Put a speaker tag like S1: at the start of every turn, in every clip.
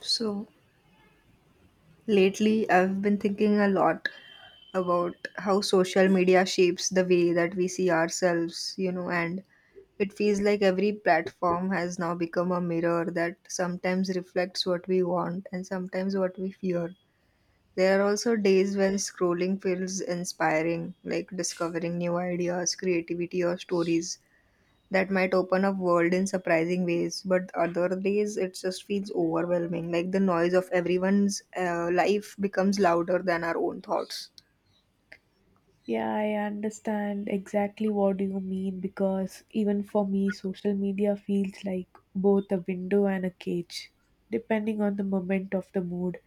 S1: So lately, I've been thinking a lot about how social media shapes the way that we see ourselves, you know, and it feels like every platform has now become a mirror that sometimes reflects what we want and sometimes what we fear. There are also days when scrolling feels inspiring, like discovering new ideas, creativity, or stories that might open up world in surprising ways, but other days it just feels overwhelming, like the noise of everyone's life becomes louder than our own thoughts.
S2: Yeah, I understand exactly what you mean because even for me, social media feels like both a window and a cage, depending on the moment of the mood.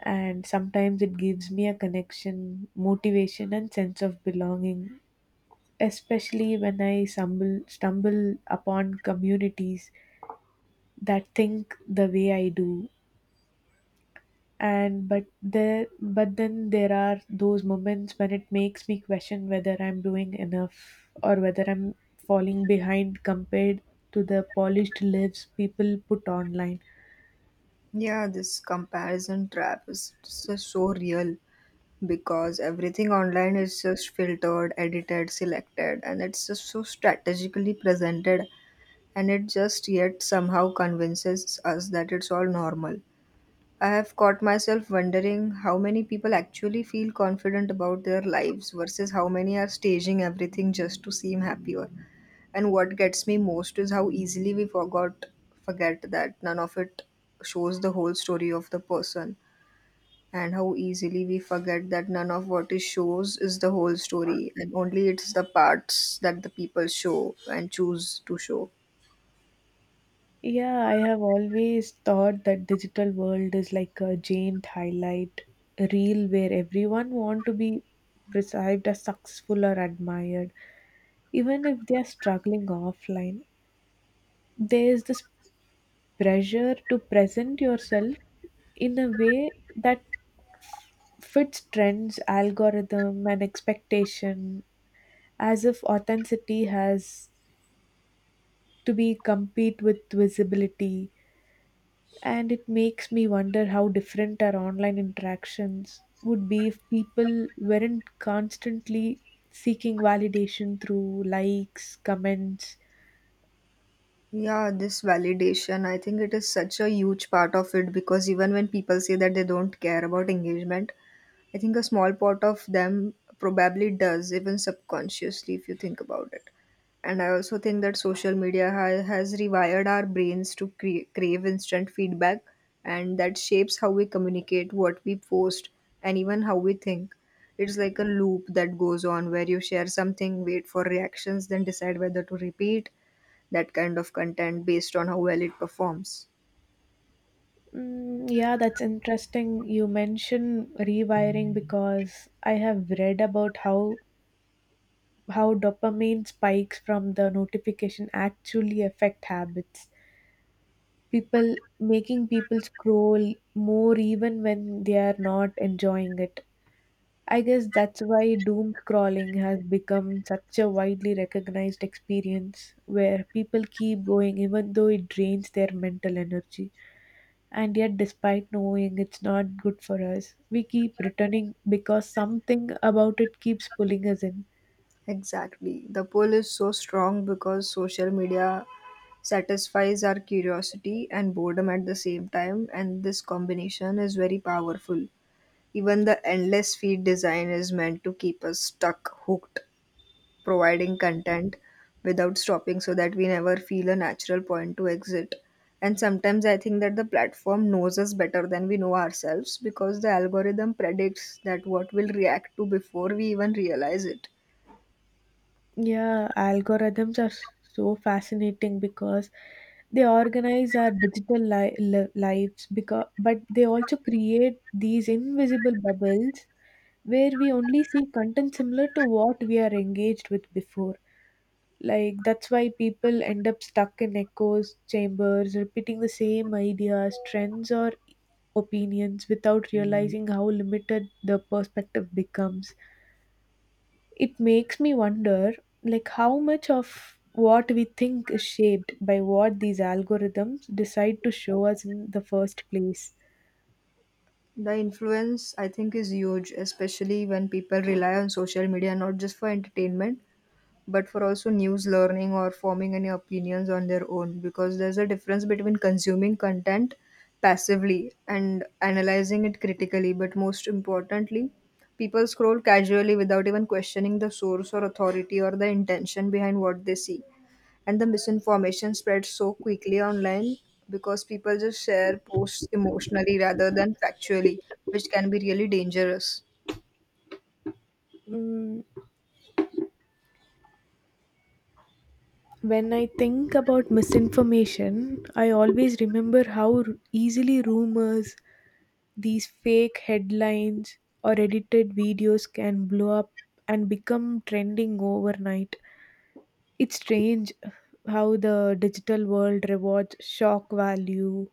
S2: And sometimes it gives me a connection, motivation, and sense of belonging, especially when I stumble upon communities that think the way I do and but there but then there are those moments when it makes me question whether I'm doing enough or whether I'm falling behind compared to the polished lives people put online.
S1: Yeah, this comparison trap is just so real, because everything online is just filtered, edited, selected, and it's just so strategically presented, and it just yet somehow convinces us that it's all normal. I have caught myself wondering how many people actually feel confident about their lives versus how many are staging everything just to seem happier. And what gets me most is how easily we forgot forget that none of it shows the whole story of the person, and how easily we forget that none of what it shows is the whole story, and only it's the parts that the people show and choose to show.
S2: Yeah, I have always thought that digital world is like a giant highlight reel where everyone want to be perceived as successful or admired even if they are struggling offline. There's this pressure to present yourself in a way that f- fits trends, algorithm, and expectation, as if authenticity has to be compete with visibility. And it makes me wonder how different our online interactions would be if people weren't constantly seeking validation through likes, comments.
S1: Yeah, this validation, I think it is such a huge part of it, because even when people say that they don't care about engagement, I think a small part of them probably does, even subconsciously, if you think about it. And I also think that social media has rewired our brains to crave instant feedback, and that shapes how we communicate, what we post, and even how we think. It's like a loop that goes on where you share something, wait for reactions, then decide whether to repeat that kind of content based on how well it performs.
S2: Mm, yeah, that's interesting. You mention rewiring because I have read about how dopamine spikes from the notification actually affect habits. People making people scroll more even when they are not enjoying it. I guess that's why doom scrolling has become such a widely recognized experience where people keep going even though it drains their mental energy. And yet despite knowing it's not good for us we keep returning because something about it keeps pulling us in.
S1: Exactly. The pull is so strong because social media satisfies our curiosity and boredom at the same time, and this combination is very powerful. Even the endless feed design is meant to keep us stuck, hooked, providing content without stopping so that we never feel a natural point to exit. And sometimes I think that the platform knows us better than we know ourselves because the algorithm predicts that what we'll react to before we even realize it.
S2: Yeah, algorithms are so fascinating because they organize our digital lives, because but they also create these invisible bubbles where we only see content similar to what we are engaged with before. Like that's why people end up stuck in echoes chambers repeating the same ideas, trends, or opinions without realizing how limited the perspective becomes. It makes me wonder like how much of what we think is shaped by what these algorithms decide to show us in the first place.
S1: The influence, I think, is huge, especially when people rely on social media not just for entertainment but for also news, learning, or forming any opinions on their own, because there's a difference between consuming content passively and analyzing it critically. But most importantly, people scroll casually without even questioning the source or authority or the intention behind what they see, and the misinformation spreads so quickly online because people just share posts emotionally rather than factually, which can be really dangerous.
S2: Mm, when I think about misinformation, I always remember how easily rumors, these fake headlines, or edited videos can blow up and become trending overnight. It's strange how the digital world rewards shock value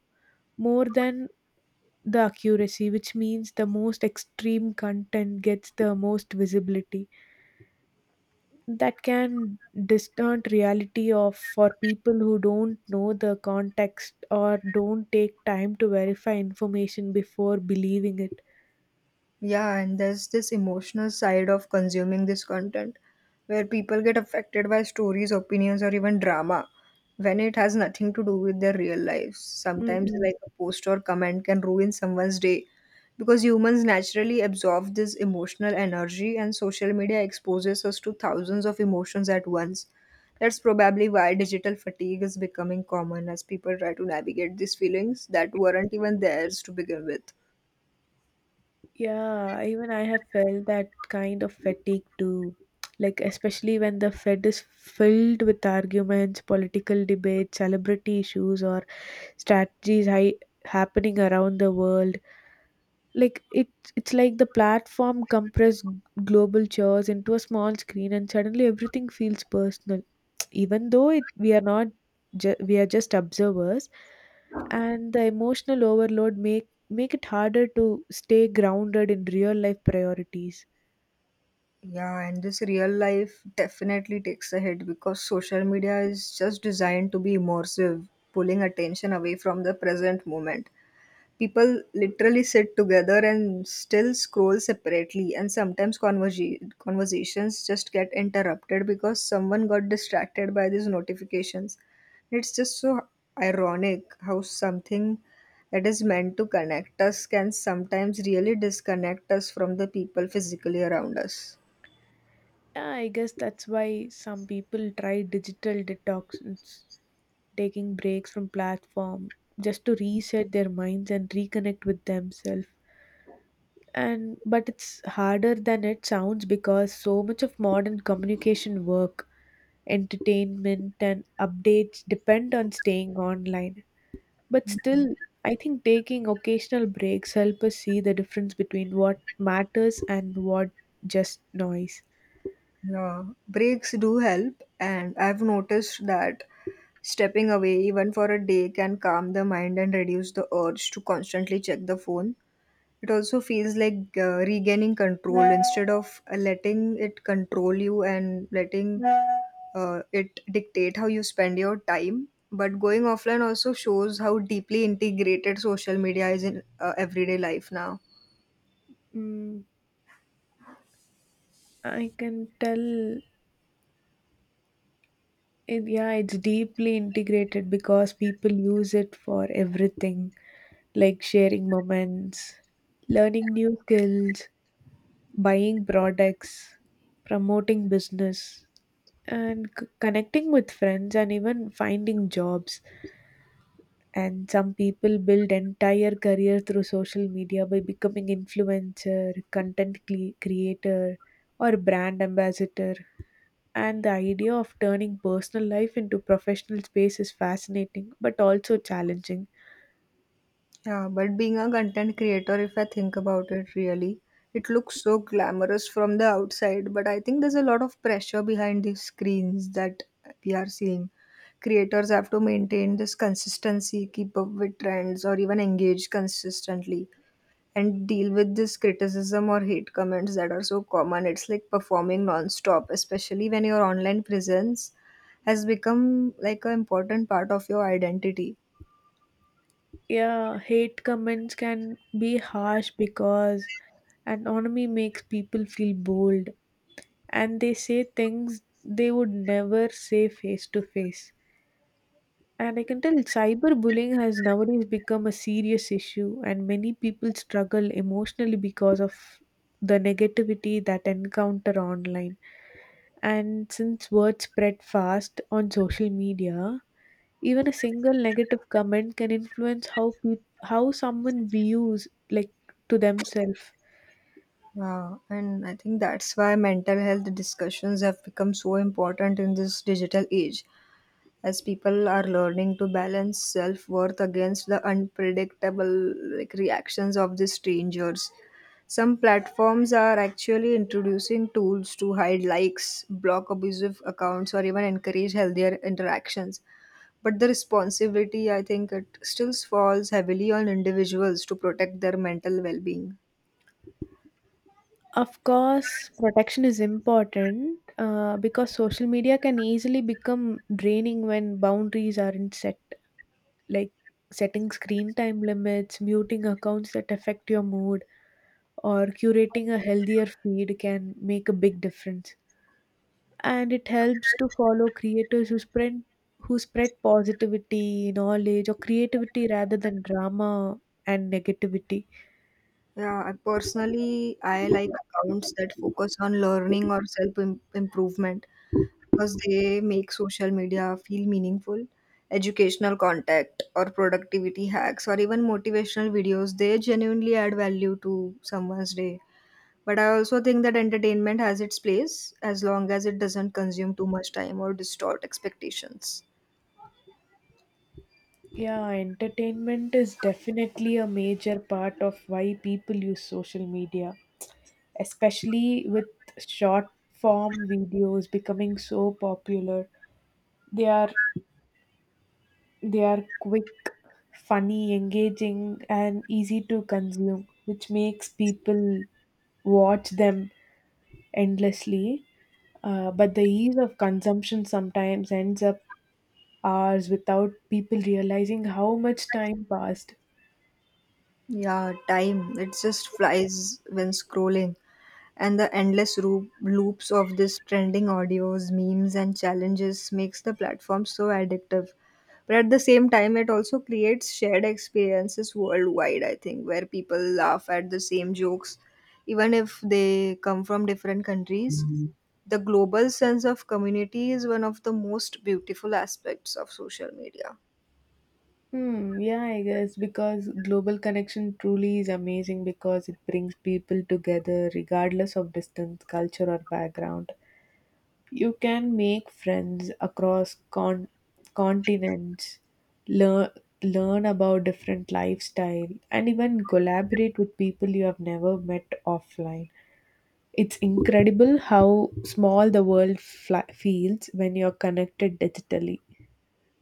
S2: more than the accuracy, which means the most extreme content gets the most visibility. That can distort reality of for people who don't know the context or don't take time to verify information before believing it.
S1: Yeah, and there's this emotional side of consuming this content where people get affected by stories, opinions, or even drama when it has nothing to do with their real lives. Sometimes,
S2: Mhm.
S1: like, a post or comment can ruin someone's day because humans naturally absorb this emotional energy, and social media exposes us to thousands of emotions at once. That's probably why digital fatigue is becoming common as people try to navigate these feelings that weren't even theirs to begin with.
S2: Yeah, even I have felt that kind of fatigue too. Like, especially when the Fed is filled with arguments, political debates, celebrity issues, or strategies hi happening around the world. Like, it, it's like the platform compressed global chairs into a small screen, and suddenly everything feels personal even though it, we are not we are just observers, and the emotional overload make it harder to stay grounded in real life priorities.
S1: Yeah, and this real life definitely takes a hit because social media is just designed to be immersive, pulling attention away from the present moment. People literally sit together and still scroll separately, and sometimes conversations just get interrupted because someone got distracted by these notifications. It's just so ironic how something that is meant to connect us can sometimes really disconnect us from the people physically around us.
S2: Yeah, I guess that's why some people try digital detox, it's taking breaks from platform just to reset their minds and reconnect with themselves. And but it's harder than it sounds because so much of modern communication, work, entertainment and updates depend on staying online. But still, I think taking occasional breaks help us see the difference between what matters and what just noise.
S1: Yeah, breaks do help, and I've noticed that stepping away even for a day can calm the mind and reduce the urge to constantly check the phone. It also feels like regaining control instead of letting it control you and letting it dictate how you spend your time. But going offline also shows how deeply integrated social media is in everyday life now.
S2: Mm, I can tell it, yeah, it's deeply integrated because people use it for everything like sharing moments, learning new skills, buying products, promoting business, and connecting with friends, and even finding jobs. And some people build entire career through social media by becoming influencer, content creator, or brand ambassador. And the idea of turning personal life into professional space is fascinating but also challenging.
S1: Yeah, but being a content creator, if I think about it really, it looks so glamorous from the outside, but I think there's a lot of pressure behind these screens that we are seeing. Creators have to maintain this consistency, keep up with trends, or even engage consistently, and deal with this criticism or hate comments that are so common. It's like performing non-stop, especially when your online presence has become like an important part of your identity.
S2: Yeah, hate comments can be harsh because anonymity makes people feel bold and they say things they would never say face to face. And I can tell cyberbullying has nowadays become a serious issue, and many people struggle emotionally because of the negativity that encounter online. And since words spread fast on social media, even a single negative comment can influence how peop how someone views like to themselves.
S1: Yeah, and I think that's why mental health discussions have become so important in this digital age, as people are learning to balance self worth against the unpredictable like reactions of the strangers. Some platforms are actually introducing tools to hide likes, block abusive accounts, or even encourage healthier interactions. But the responsibility, I think, it still falls heavily on individuals to protect their mental well being.
S2: Of course, protection is important because social media can easily become draining when boundaries aren't set. Like setting screen time limits, muting accounts that affect your mood, or curating a healthier feed can make a big difference. And it helps to follow creators who spread positivity, knowledge, or creativity rather than drama and negativity.
S1: Yeah, I personally, I like accounts that focus on learning or self improvement because they make social media feel meaningful. Educational content or productivity hacks or even motivational videos, they genuinely add value to someone's day. But I also think that entertainment has its place as long as it doesn't consume too much time or distort expectations.
S2: Yeah, entertainment is definitely a major part of why people use social media, especially with short form videos becoming so popular. They are They are quick, funny, engaging, and easy to consume, which makes people watch them endlessly. But the ease of consumption sometimes ends up hours without people realizing how much time passed.
S1: Yeah, time, it just flies when scrolling, and the endless loops of this trending audios, memes, and challenges makes the platform so addictive. But at the same time, it also creates shared experiences worldwide, I think, where people laugh at the same jokes, even if they come from different countries. The global sense of community is one of the most beautiful aspects of social media.
S2: Hmm, yeah, I guess because global connection truly is amazing because it brings people together regardless of distance, culture, or background. You can make friends across continents, learn learn about different lifestyle and even collaborate with people you have never met offline. It's incredible how small the world fla feels when you're connected digitally.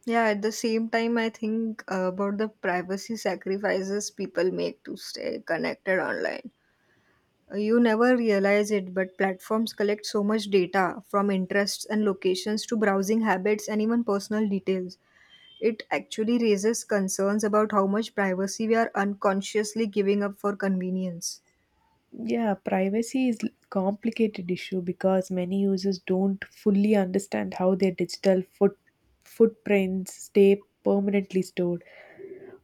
S1: Yeah, at the same time, I think about the privacy sacrifices people make to stay connected online. You never realize it, but platforms collect so much data, from interests and locations to browsing habits and even personal details. It actually raises concerns about how much privacy we are unconsciously giving up for convenience.
S2: Yeah, privacy is complicated issue because many users don't fully understand how their digital footprints stay permanently stored.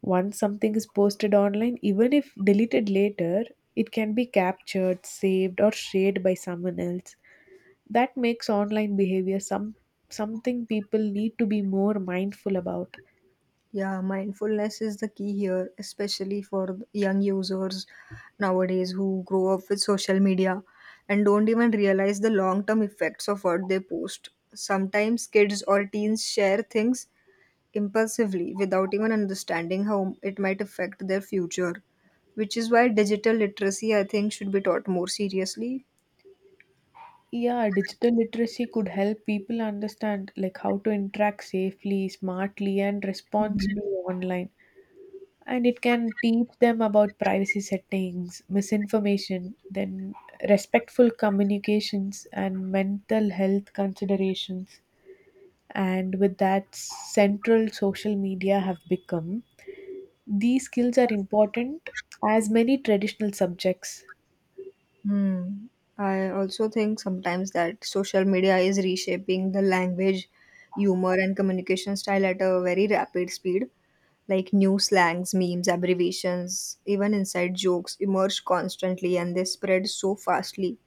S2: Once something is posted online, even if deleted later, it can be captured, saved, or shared by someone else. That makes online behavior some something people need to be more mindful about.
S1: Yeah, mindfulness is the key here, especially for young users nowadays who grow up with social media and don't even realize the long term effects of what they post. Sometimes kids or teens share things impulsively without even understanding how it might affect their future, which is why digital literacy, I think, should be taught more seriously.
S2: Yeah, digital literacy could help people understand like how to interact safely, smartly, and responsibly online. And it can teach them about privacy settings, misinformation, then respectful communications and mental health considerations. And with that central social media have become these skills are important as many traditional subjects.
S1: Hmm. I also think sometimes that social media is reshaping the language, humor, and communication style at a very rapid speed. Like, new slangs, memes, abbreviations, even inside jokes emerge constantly, and they spread so fastly.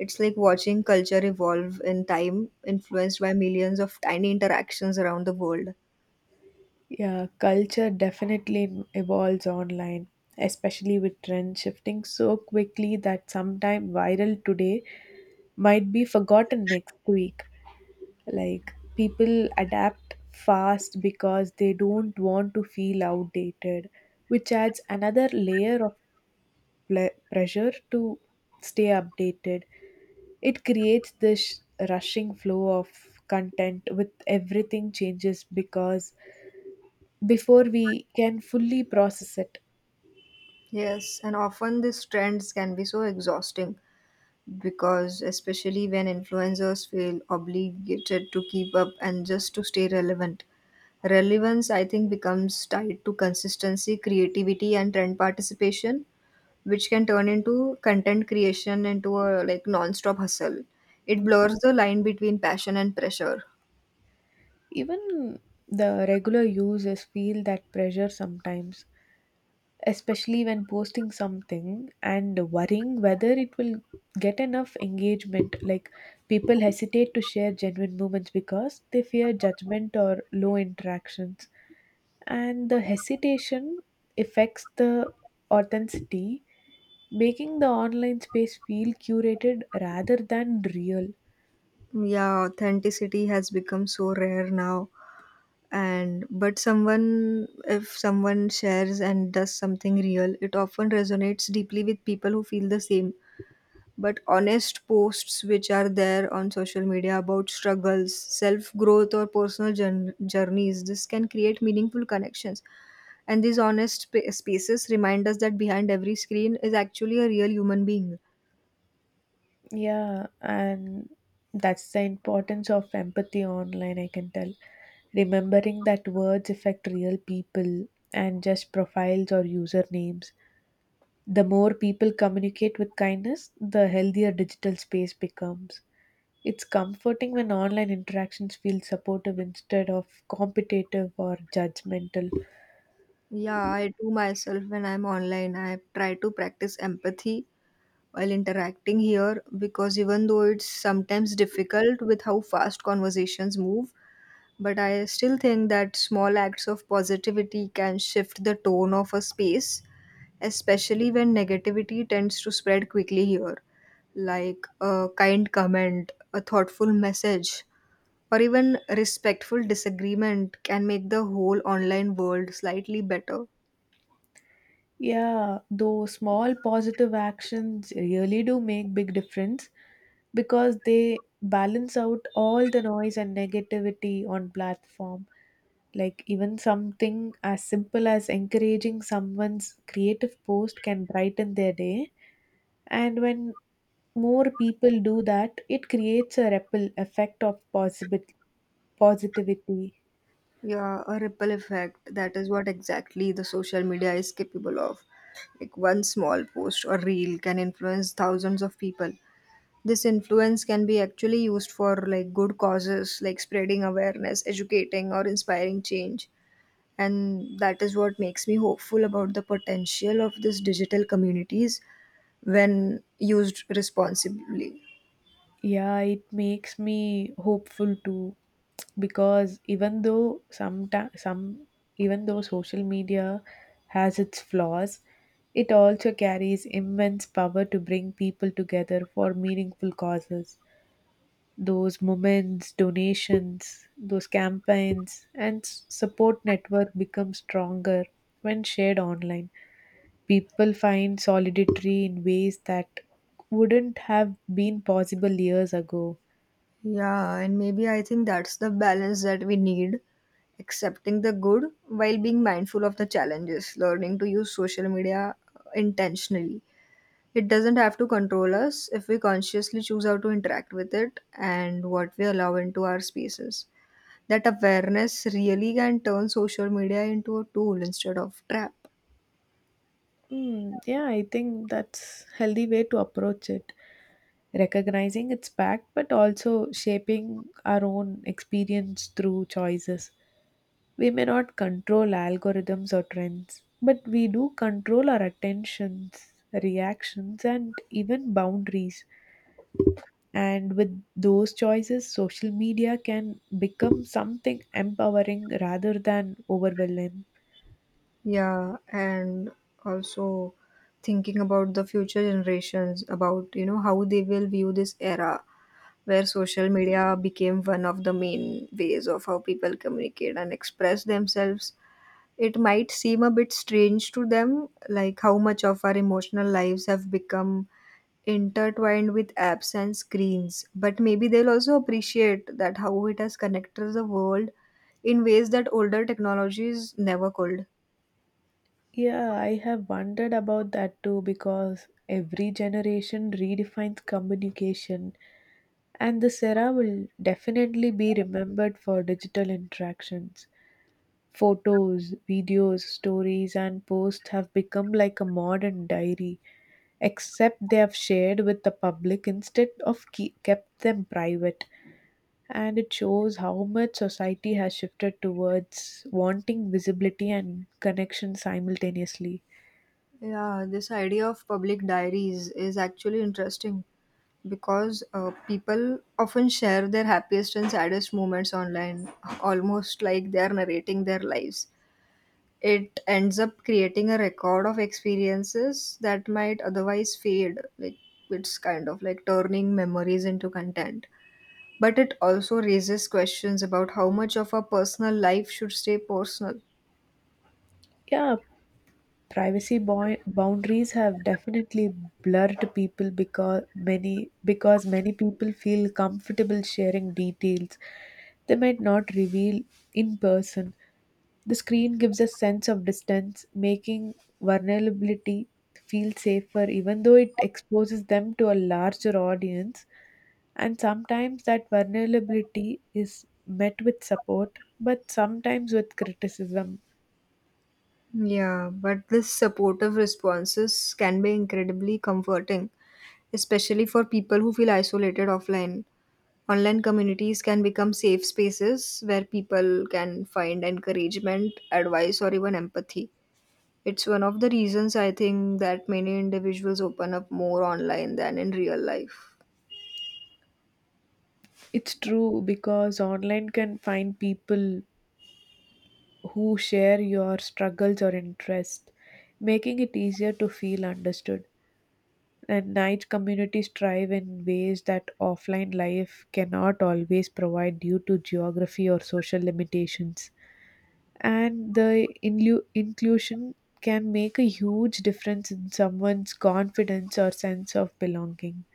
S1: It's like watching culture evolve in time, influenced by millions of tiny interactions around the world.
S2: Yeah, culture definitely evolves online especially with trends shifting so quickly that sometime viral today might be forgotten next week. Like people adapt fast because they don't want to feel outdated, which adds another layer of pressure to stay updated. It creates this rushing flow of content with everything changes because before we can fully process it.
S1: Yes, and often these trends can be so exhausting, because, especially when influencers feel obligated to keep up and just to stay relevant. Relevance, I think, becomes tied to consistency, creativity, and trend participation, which can turn into content creation into a like non-stop hustle. It
S2: Mm.
S1: blurs the line between passion and pressure.
S2: Even the regular users feel that pressure sometimes, especially when posting something and worrying whether it will get enough engagement. Like people hesitate to share genuine moments because they fear judgment or low interactions, and the hesitation affects the authenticity, making the online space feel curated rather than real.
S1: Yeah, authenticity has become so rare now. And but someone, if someone shares and does something real, it often resonates deeply with people who feel the same. But honest posts which are there on social media about struggles, self growth, or personal journeys, this can create meaningful connections. And these honest spaces remind us that behind every screen is actually a real human being.
S2: Yeah, and that's the importance of empathy online, I can tell. Remembering that words affect real people and just profiles or usernames. The more people communicate with kindness, the healthier digital space becomes. It's comforting when online interactions feel supportive instead of competitive or judgmental.
S1: Yeah, I do myself when I'm online. I try to practice empathy while interacting here, because even though it's sometimes difficult with how fast conversations move, but I still think that small acts of positivity can shift the tone of a space, especially when negativity tends to spread quickly here, like a kind comment, a thoughtful message, or even respectful disagreement can make the whole online world slightly better.
S2: Yeah, those small positive actions really do make big difference because they balance out all the noise and negativity on platform. Like even something as simple as encouraging someone's creative post can brighten their day. And when more people do that, it creates a ripple effect of possible positivity.
S1: Yeah, a ripple effect. That is what exactly the social media is capable of. Like, one small post or reel can influence thousands of people. This influence can be actually used for like good causes, like spreading awareness, educating, or inspiring change. And that is what makes me hopeful about the potential of these digital communities when used responsibly.
S2: Yeah, it makes me hopeful too because even though social media has its flaws, it also carries immense power to bring people together for meaningful causes. Those moments, donations, those campaigns, and support network become stronger when shared online. People find solidity in ways that wouldn't have been possible years ago.
S1: Yeah, and maybe I think that's the balance that we need, accepting the good while being mindful of the challenges, learning to use social media intentionally. It doesn't have to control us if we consciously choose how to interact with it and what we allow into our spaces. That awareness really can turn social media into a tool instead of trap.
S2: Mm, yeah, I think that's healthy way to approach it. Recognizing its back, but also shaping our own experience through choices. We may not control algorithms or trends, but we do control our attentions, reactions, and even boundaries. And with those choices, social media can become something empowering rather than overwhelming.
S1: Yeah, and also thinking about the future generations, about you know how they will view this era where social media became one of the main ways of how people communicate and express themselves. It might seem a bit strange to them, like how much of our emotional lives have become intertwined with apps and screens, but maybe they'll also appreciate that how it has connected the world in ways that older technologies never could.
S2: Yeah, I have wondered about that too because every generation redefines communication, and the sera will definitely be remembered for digital interactions. Photos, videos, stories, and posts have become like a modern diary, except they have shared with the public instead of kept them private. And it shows how much society has shifted towards wanting visibility and connection simultaneously.
S1: Yeah, this idea of public diaries is actually interesting because people often share their happiest and saddest moments online, almost like they are narrating their lives. It ends up creating a record of experiences that might otherwise fade. Like it's kind of like turning memories into content. But it also raises questions about how much of our personal life should stay personal.
S2: Yeah, privacy boundaries have definitely blurred people because many people feel comfortable sharing details they might not reveal in person. The screen gives a sense of distance, making vulnerability feel safer, even though it exposes them to a larger audience. And sometimes that vulnerability is met with support, but sometimes with criticism.
S1: Yeah, but this supportive responses can be incredibly comforting, especially for people who feel isolated offline. Online communities can become safe spaces where people can find encouragement, advice, or even empathy. It's one of the reasons I think that many individuals open up more online than in real life.
S2: It's true because online can find people who share your struggles or interest, making it easier to feel understood. And night communities thrive in ways that offline life cannot always provide due to geography or social limitations. And the inclusion can make a huge difference in someone's confidence or sense of belonging.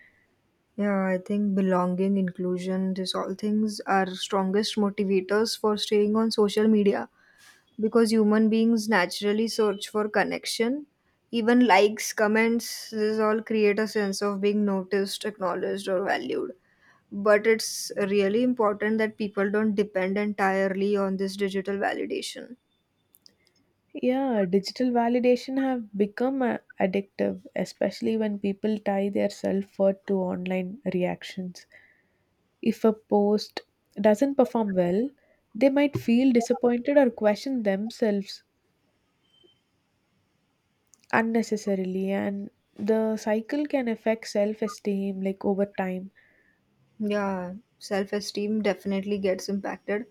S1: Yeah, I think belonging, inclusion, these all things are strongest motivators for staying on social media because human beings naturally search for connection. Even likes, comments, this all create a sense of being noticed, acknowledged, or valued. But it's really important that people don't depend entirely on this digital validation.
S2: Yeah, digital validation have become addictive, especially when people tie their self-worth to online reactions. If a post doesn't perform well, they might feel disappointed or question themselves unnecessarily, and the cycle can affect self-esteem like over time.
S1: Yeah, self esteem definitely gets impacted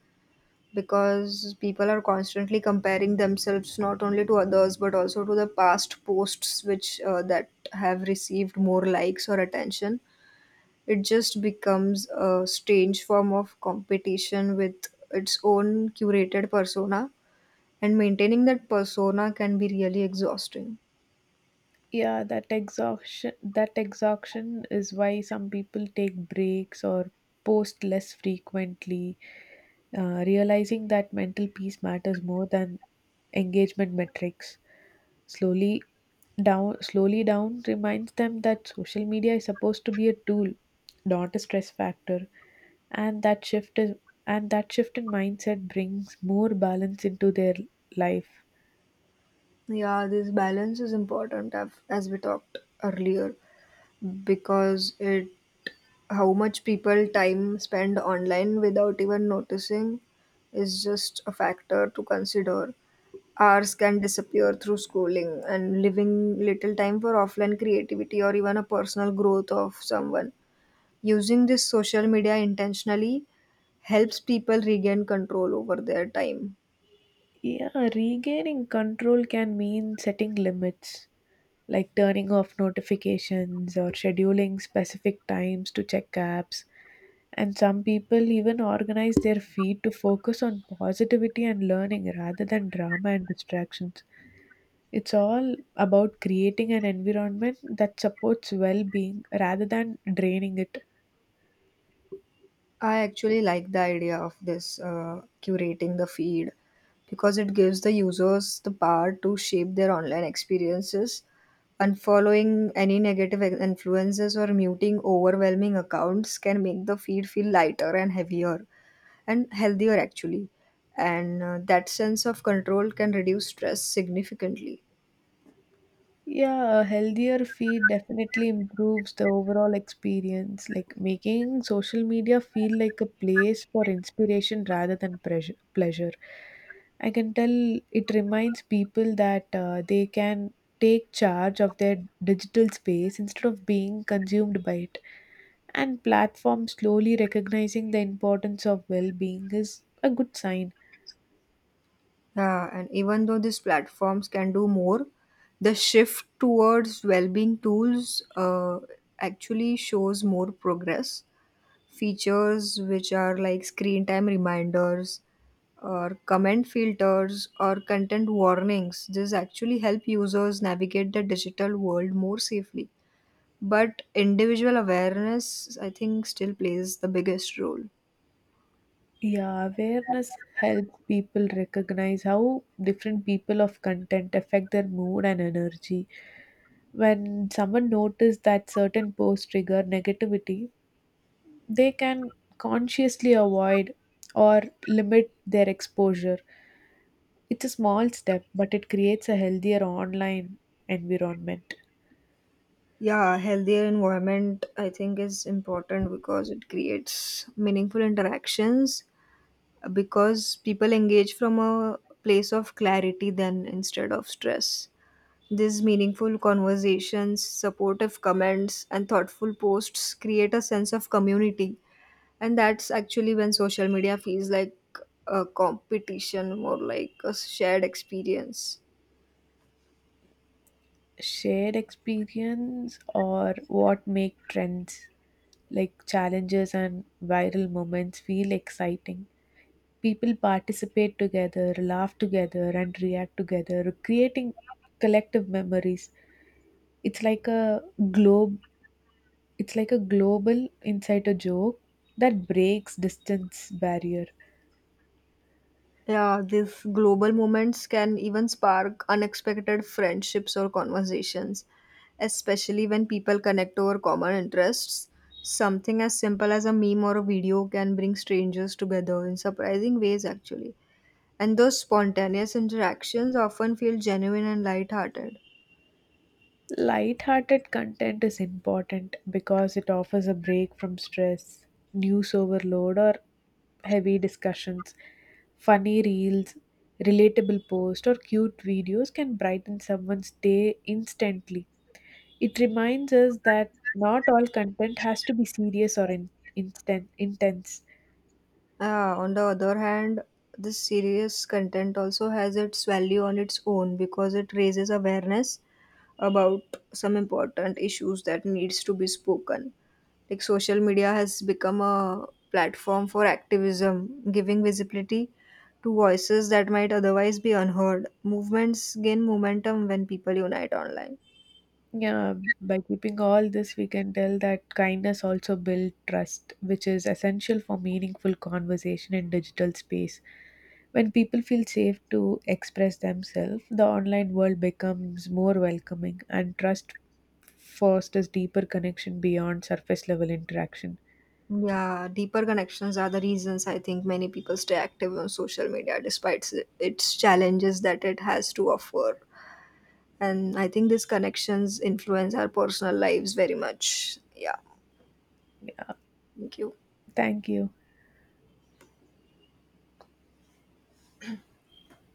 S1: because people are constantly comparing themselves not only to others but also to the past posts which that have received more likes or attention. It just becomes a strange form of competition with its own curated persona, and maintaining that persona can be really exhausting.
S2: Yeah, that exhaustion is why some people take breaks or post less frequently, realizing that mental peace matters more than engagement metrics. Slowly slowly down reminds them that social media is supposed to be a tool, not a stress factor. And that shift is and that shift in mindset brings more balance into their life.
S1: Yeah, this balance is important as we talked earlier because it how much people time spend online without even noticing is just a factor to consider. Hours can disappear through scrolling and leaving little time for offline creativity or even a personal growth of someone. Using this social media intentionally helps people regain control over their time.
S2: Yeah, regaining control can mean setting limits, like turning off notifications or scheduling specific times to check apps. And some people even organize their feed to focus on positivity and learning rather than drama and distractions. It's all about creating an environment that supports well being rather than draining it.
S1: I actually like the idea of this curating the feed because it gives the users the power to shape their online experiences. Unfollowing any influences or muting overwhelming accounts can make the feed feel lighter and heavier and healthier, actually. And that sense of control can reduce stress significantly.
S2: Yeah, a healthier feed definitely improves the overall experience, like making social media feel like a place for inspiration rather than pressure, pleasure. I can tell it reminds people that they can take charge of their digital space instead of being consumed by it. And platforms slowly recognizing the importance of well being is a good sign.
S1: Yeah, and even though these platforms can do more, the shift towards well-being tools actually shows more progress. Features which are like screen time reminders or comment filters or content warnings, this actually help users navigate the digital world more safely. But individual awareness, I think, still plays the biggest role.
S2: Yeah, awareness helps people recognize how different people of content affect their mood and energy. When someone notices that certain posts trigger negativity, they can consciously avoid or limit their exposure. It's a small step, but it creates a healthier online environment.
S1: Yeah, healthier environment I think is important because it creates meaningful interactions because people engage from a place of clarity then instead of stress. These meaningful conversations, supportive comments, and thoughtful posts create a sense of community. And that's actually when social media feels like a competition, more like a shared experience.
S2: Shared experience or what make trends like challenges and viral moments feel exciting. People participate together, laugh together, and react together, creating collective memories. It's like a globe. It's like a global inside a joke that breaks distance barrier.
S1: Yeah, these global moments can even spark unexpected friendships or conversations, especially when people connect over common interests. Something as simple as a meme or a video can bring strangers together in surprising ways, actually. And those spontaneous interactions often feel genuine and lighthearted.
S2: Light-hearted content is important because it offers a break from stress, news overload, or heavy discussions. Funny reels, relatable posts, or cute videos can brighten someone's day instantly. It reminds us that not all content has to be serious or instant, intense.
S1: On the other hand, this serious content also has its value on its own because it raises awareness about some important issues that needs to be spoken, like social media has become a platform for activism, giving visibility to voices that might otherwise be unheard. Movements gain momentum when people unite online.
S2: Yeah, by keeping all this, we can tell that kindness also builds trust, which is essential for meaningful conversation in digital space. When people feel safe to express themselves, the online world becomes more welcoming and trust fosters deeper connection beyond surface level interaction.
S1: Yeah, deeper connections are the reasons I think many people stay active on social media despite its challenges that it has to offer. And I think these connections influence our personal lives very much. Yeah,
S2: Yeah,
S1: thank you.
S2: thank you.